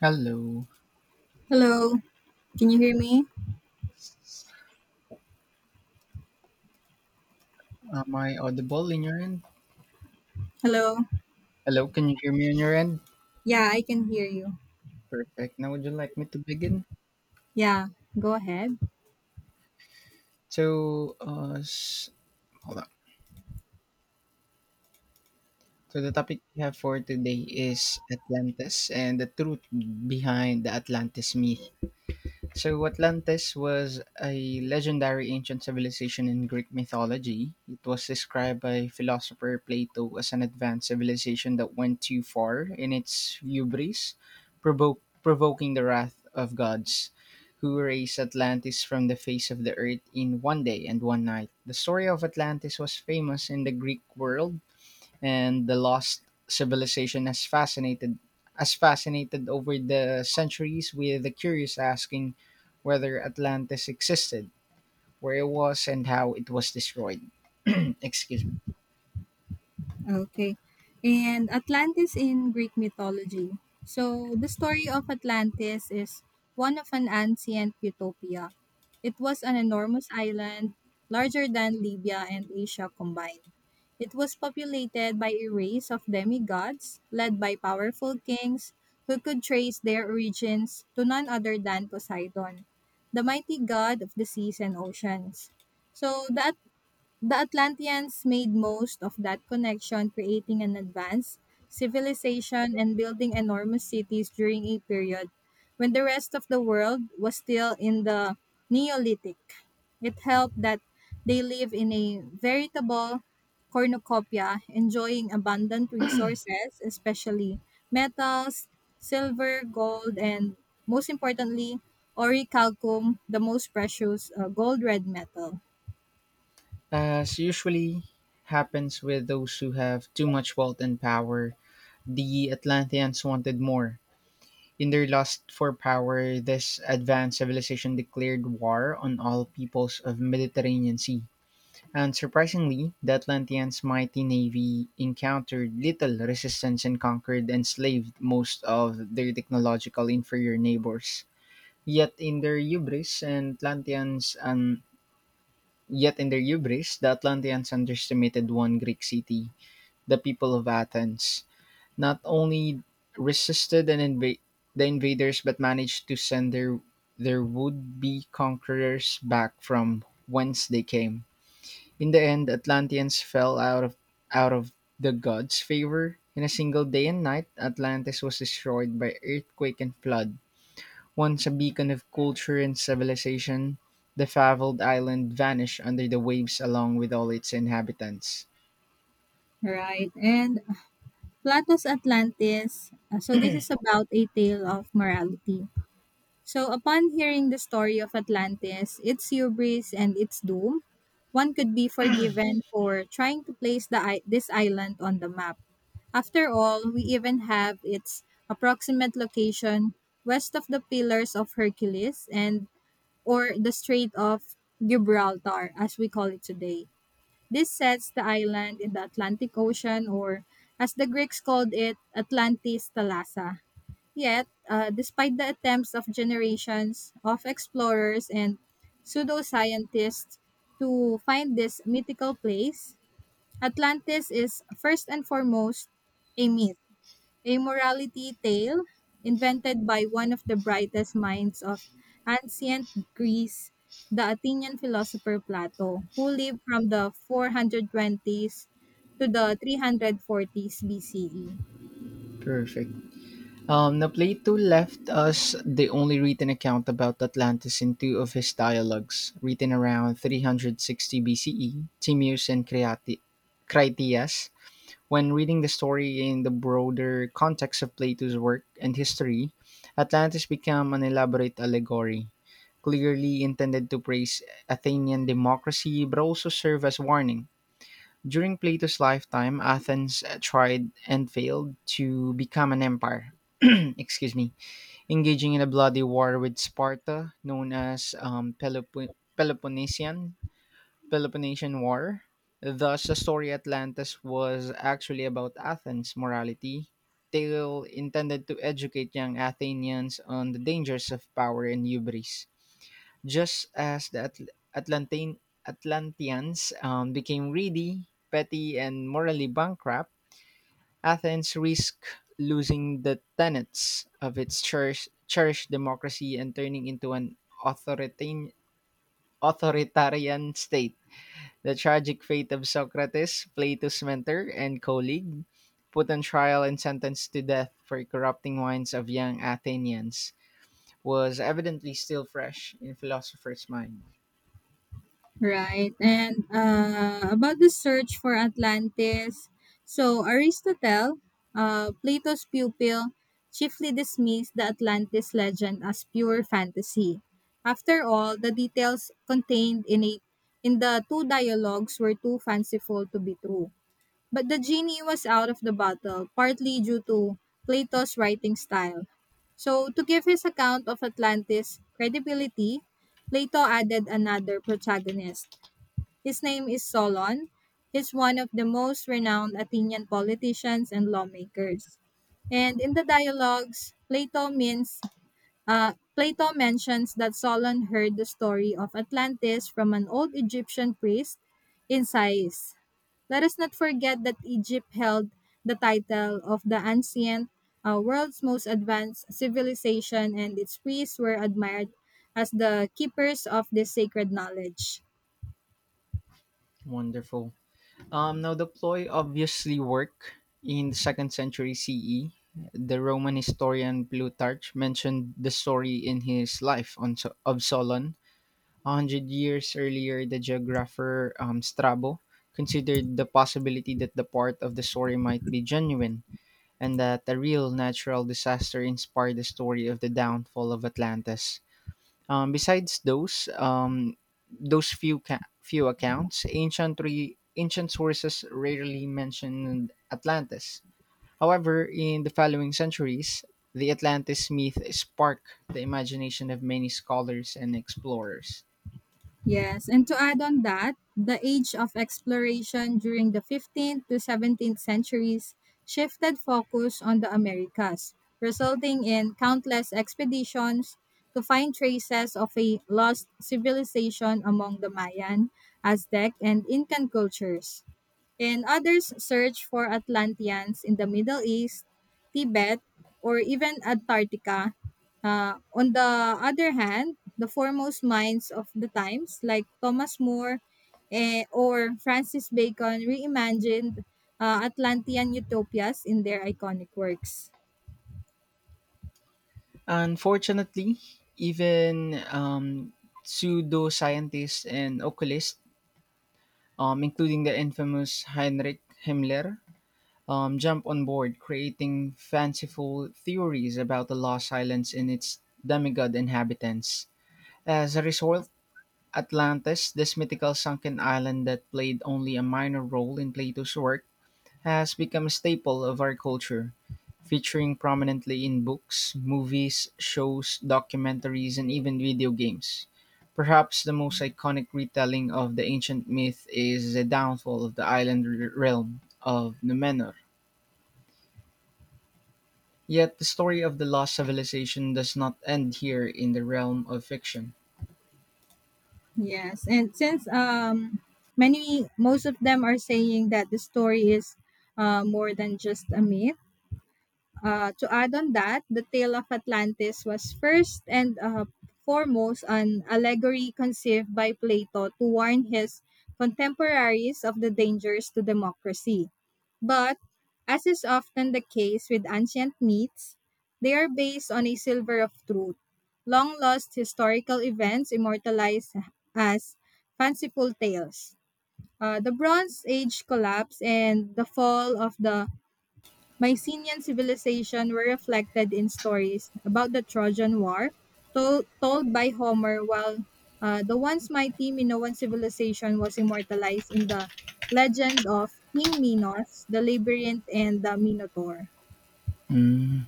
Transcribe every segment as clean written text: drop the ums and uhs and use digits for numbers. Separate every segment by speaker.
Speaker 1: Hello.
Speaker 2: Hello, can you hear me?
Speaker 1: Am I audible in your end?
Speaker 2: Hello.
Speaker 1: Hello, can you hear me on your end?
Speaker 2: Yeah, I can hear you.
Speaker 1: Perfect. Now, would you like me to begin?
Speaker 2: Yeah, go ahead.
Speaker 1: So, hold on. So, the topic we have for today is Atlantis and the truth behind the Atlantis myth. So Atlantis was a legendary ancient civilization in Greek mythology. It was described by philosopher Plato as an advanced civilization that went too far in its hubris, provoking the wrath of gods, who erased Atlantis from the face of the earth in one day and one night. The story of Atlantis was famous in the Greek world, and the lost civilization has fascinated over the centuries, with the curious asking whether Atlantis existed, where it was, and how it was destroyed. Excuse me.
Speaker 2: Okay. And Atlantis in Greek mythology. So, the story of Atlantis is one of an ancient utopia. It was an enormous island, larger than Libya and Asia combined. It was populated by a race of demigods led by powerful kings who could trace their origins to none other than Poseidon, the mighty god of the seas and oceans. So, the Atlanteans made most of that connection, creating an advanced civilization and building enormous cities during a period when the rest of the world was still in the Neolithic. It helped that they live in a veritable cornucopia, enjoying abundant resources, especially metals, silver, gold, and most importantly, orichalcum, the most precious gold red metal.
Speaker 1: As usually happens with those who have too much wealth and power, the Atlanteans wanted more. In their lust for power, this advanced civilization declared war on all peoples of Mediterranean Sea. Unsurprisingly, the Atlanteans' mighty navy encountered little resistance and conquered and enslaved most of their technological inferior neighbors. Yet in their hubris, and Atlanteans and Yet in their hubris, the Atlanteans underestimated one Greek city, the people of Athens. Not only resisted and the invaders, but managed to send their would-be conquerors back from whence they came. In the end, the Atlanteans fell out of the gods' favor. In a single day and night, Atlantis was destroyed by earthquake and flood. Once a beacon of culture and civilization, the fabled island vanished under the waves along with all its inhabitants.
Speaker 2: Right. And Plato's Atlantis. So this is about a tale of morality. So upon hearing the story of Atlantis, its hubris and its doom, one could be forgiven for trying to place this island on the map. After all, we even have its approximate location west of the Pillars of Hercules and or the Strait of Gibraltar as we call it today. This sets the island in the Atlantic Ocean, or as the Greeks called it, Atlantis Thalassa. Yet, despite the attempts of generations of explorers and pseudoscientists to find this mythical place, Atlantis is first and foremost a myth, a morality tale invented by one of the brightest minds of ancient Greece, the Athenian philosopher Plato, who lived from the 420s to the 340s BCE.
Speaker 1: Perfect. Now, Plato left us the only written account about Atlantis in two of his dialogues, written around 360 BCE, Timaeus and Critias. When reading the story in the broader context of Plato's work and history, Atlantis becomes an elaborate allegory, clearly intended to praise Athenian democracy but also serve as warning. During Plato's lifetime, Athens tried and failed to become an empire. Excuse me, engaging in a bloody war with Sparta, known as Peloponnesian War. Thus, the story Atlantis was actually about Athens' morality, tale intended to educate young Athenians on the dangers of power and hubris. Just as the Atlanteans became greedy, petty, and morally bankrupt, Athens risked losing the tenets of its cherished democracy and turning into an authoritarian, authoritarian state. The tragic fate of Socrates, Plato's mentor and colleague, put on trial and sentenced to death for corrupting minds of young Athenians, was evidently still fresh in philosophers' mind.
Speaker 2: Right. And about the search for Atlantis, so Aristotle, Plato's pupil, chiefly dismissed the Atlantis legend as pure fantasy. After all, the details contained in it in the two dialogues were too fanciful to be true. But the genie was out of the bottle, partly due to Plato's writing style. So, to give his account of Atlantis credibility, Plato added another protagonist. His name is Solon. He's one of the most renowned Athenian politicians and lawmakers. And in the dialogues, Plato mentions that Solon heard the story of Atlantis from an old Egyptian priest in Sais. Let us not forget that Egypt held the title of the ancient world's most advanced civilization, and its priests were admired as the keepers of this sacred knowledge.
Speaker 1: Wonderful. Now, the ploy obviously worked in the second century CE. The Roman historian Plutarch mentioned the story in his Life of Solon. A hundred years earlier, the geographer Strabo considered the possibility that the part of the story might be genuine, and that a real natural disaster inspired the story of the downfall of Atlantis. Besides those few accounts, ancient sources rarely mentioned Atlantis. However, in the following centuries, the Atlantis myth sparked the imagination of many scholars and explorers.
Speaker 2: Yes, and to add on that, the age of exploration during the 15th to 17th centuries shifted focus on the Americas, resulting in countless expeditions to find traces of a lost civilization among the Mayan, Aztec, and Incan cultures, and others search for Atlanteans in the Middle East, Tibet, or even Antarctica. On the other hand, the foremost minds of the times, like Thomas More eh, or Francis Bacon, reimagined Atlantean utopias in their iconic works.
Speaker 1: Unfortunately, even pseudoscientists and occultists, including the infamous Heinrich Himmler, jump on board, creating fanciful theories about the lost islands and its demigod inhabitants. As a result, Atlantis, this mythical sunken island that played only a minor role in Plato's work, has become a staple of our culture, featuring prominently in books, movies, shows, documentaries, and even video games. Perhaps the most iconic retelling of the ancient myth is the downfall of the island realm of Numenor. Yet the story of the lost civilization does not end here in the realm of fiction.
Speaker 2: Yes, and since most of them are saying that the story is more than just a myth. To add on that, the tale of Atlantis was first and foremost an allegory conceived by Plato to warn his contemporaries of the dangers to democracy. But, as is often the case with ancient myths, they are based on a silver of truth, long lost historical events immortalized as fanciful tales. The Bronze Age collapse and the fall of the Mycenaean civilization were reflected in stories about the Trojan War told by Homer, while the once mighty Minoan civilization was immortalized in the legend of King Minos, the Labyrinth, and the Minotaur.
Speaker 1: Mm,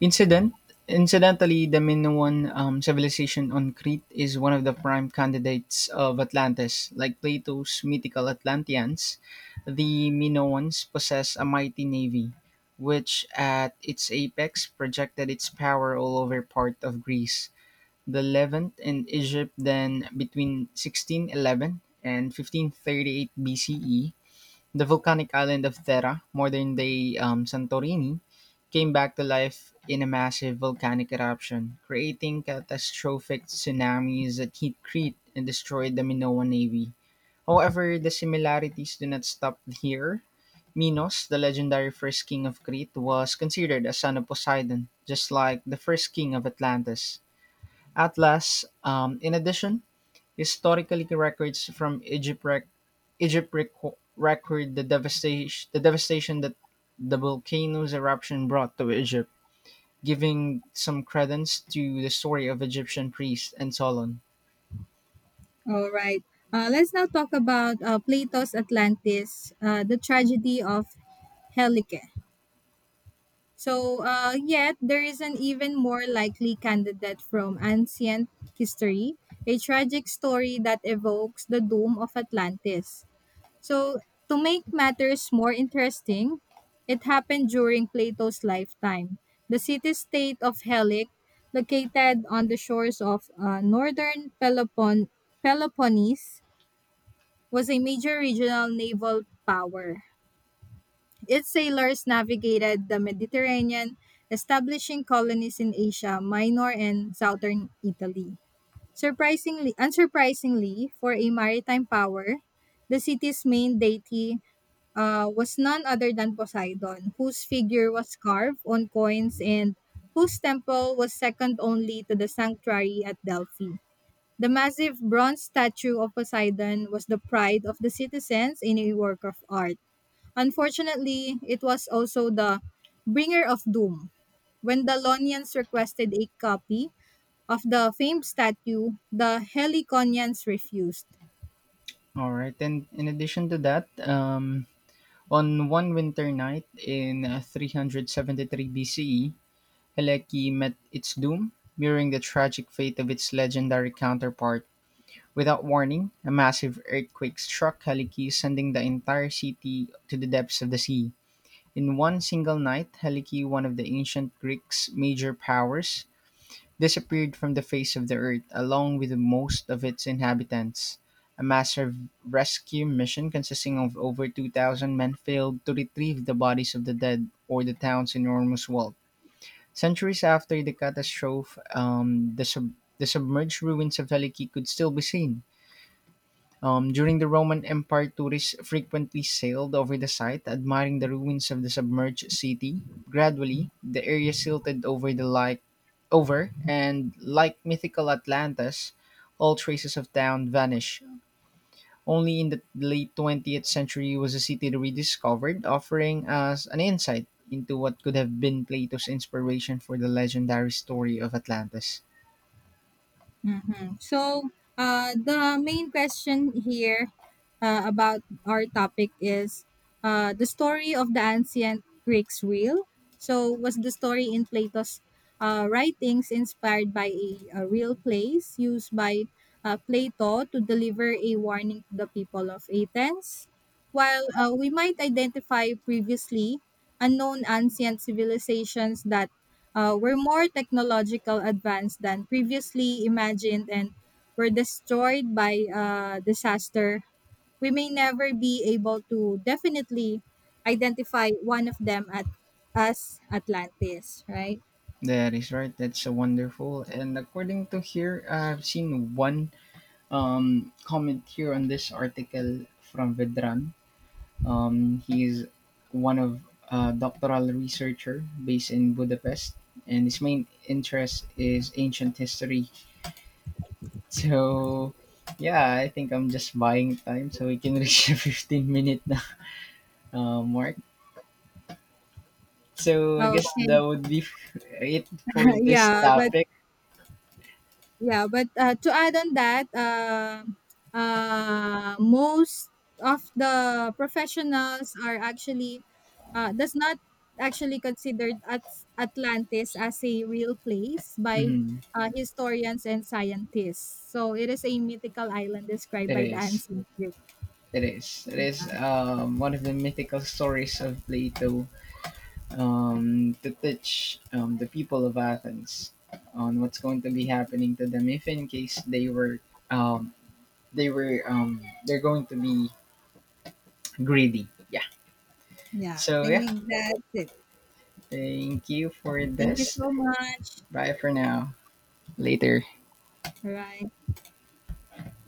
Speaker 1: Incident Incidentally, the Minoan civilization on Crete is one of the prime candidates of Atlantis. Like Plato's mythical Atlanteans, the Minoans possess a mighty navy, which at its apex projected its power all over part of Greece, the Levant, and Egypt. Then, between 1611 and 1538 BCE, the volcanic island of Thera, modern day Santorini, came back to life in a massive volcanic eruption, creating catastrophic tsunamis that hit Crete and destroyed the Minoan navy. However, the similarities do not stop here. Minos, the legendary first king of Crete, was considered a son of Poseidon, just like the first king of Atlantis, Atlas. In addition, historically records from Egypt recorded the devastation that the volcano's eruption brought to Egypt, giving some credence to the story of Egyptian priest and Solon.
Speaker 2: All right. Let's now talk about Plato's Atlantis, the tragedy of Helike. Yet there is an even more likely candidate from ancient history, a tragic story that evokes the doom of Atlantis. So, to make matters more interesting, it happened during Plato's lifetime. The city state of Helic, located on the shores of northern Peloponnese, was a major regional naval power. Its sailors navigated the Mediterranean, establishing colonies in Asia Minor and southern Italy. Unsurprisingly, for a maritime power, the city's main deity was none other than Poseidon, whose figure was carved on coins and whose temple was second only to the sanctuary at Delphi. The massive bronze statue of Poseidon was the pride of the citizens in a work of art. Unfortunately, it was also the bringer of doom. When the Lonians requested a copy of the famed statue, the Heliconians refused.
Speaker 1: All right, and in addition to that, on one winter night in 373 BCE, Heleki met its doom, mirroring the tragic fate of its legendary counterpart. Without warning, a massive earthquake struck Heleki, sending the entire city to the depths of the sea. In one single night, Helike, one of the ancient Greeks' major powers, disappeared from the face of the earth along with most of its inhabitants. A massive rescue mission consisting of over 2,000 men failed to retrieve the bodies of the dead or the town's enormous wealth. Centuries after the catastrophe, the submerged ruins of Helike could still be seen. During the Roman Empire, tourists frequently sailed over the site, admiring the ruins of the submerged city. Gradually, the area silted over the like over, and like mythical Atlantis, all traces of town vanish. Only in the late 20th century was the city rediscovered, offering us an insight into what could have been Plato's inspiration for the legendary story of Atlantis.
Speaker 2: Mm. The main question here about our topic is, the story of the ancient Greeks real. So, was the story in Plato's writings inspired by a real place used by Plato to deliver a warning to the people of Athens? While we might identify previously unknown ancient civilizations that we're more technological advanced than previously imagined and were destroyed by disaster. We may never be able to definitely identify one of them at as Atlantis, right?
Speaker 1: That is right. That's a wonderful. And according to here, I've seen one comment here on this article from Vedran. He's one of a doctoral researcher based in Budapest, and his main interest is ancient history. So, yeah, I think I'm just buying time so we can reach the 15-minute minute mark. So, I guess
Speaker 2: Okay.
Speaker 1: that would be it for this
Speaker 2: Yeah, but
Speaker 1: topic.
Speaker 2: Yeah, but to add on that, most of the professionals are actually does not actually considered Atlantis as a real place by
Speaker 1: Mhm.
Speaker 2: historians and scientists. So it is a mythical island described
Speaker 1: It
Speaker 2: by the
Speaker 1: is.
Speaker 2: ancient Greek.
Speaker 1: It is. One of the mythical stories of Plato, to teach, the people of Athens on what's going to be happening to them if in case um, they're going to be greedy. Yeah.
Speaker 2: Yeah, I
Speaker 1: So yeah,
Speaker 2: think that's it.
Speaker 1: thank you for
Speaker 2: Thank you
Speaker 1: this.
Speaker 2: so much.
Speaker 1: Bye for now. Later.
Speaker 2: All right.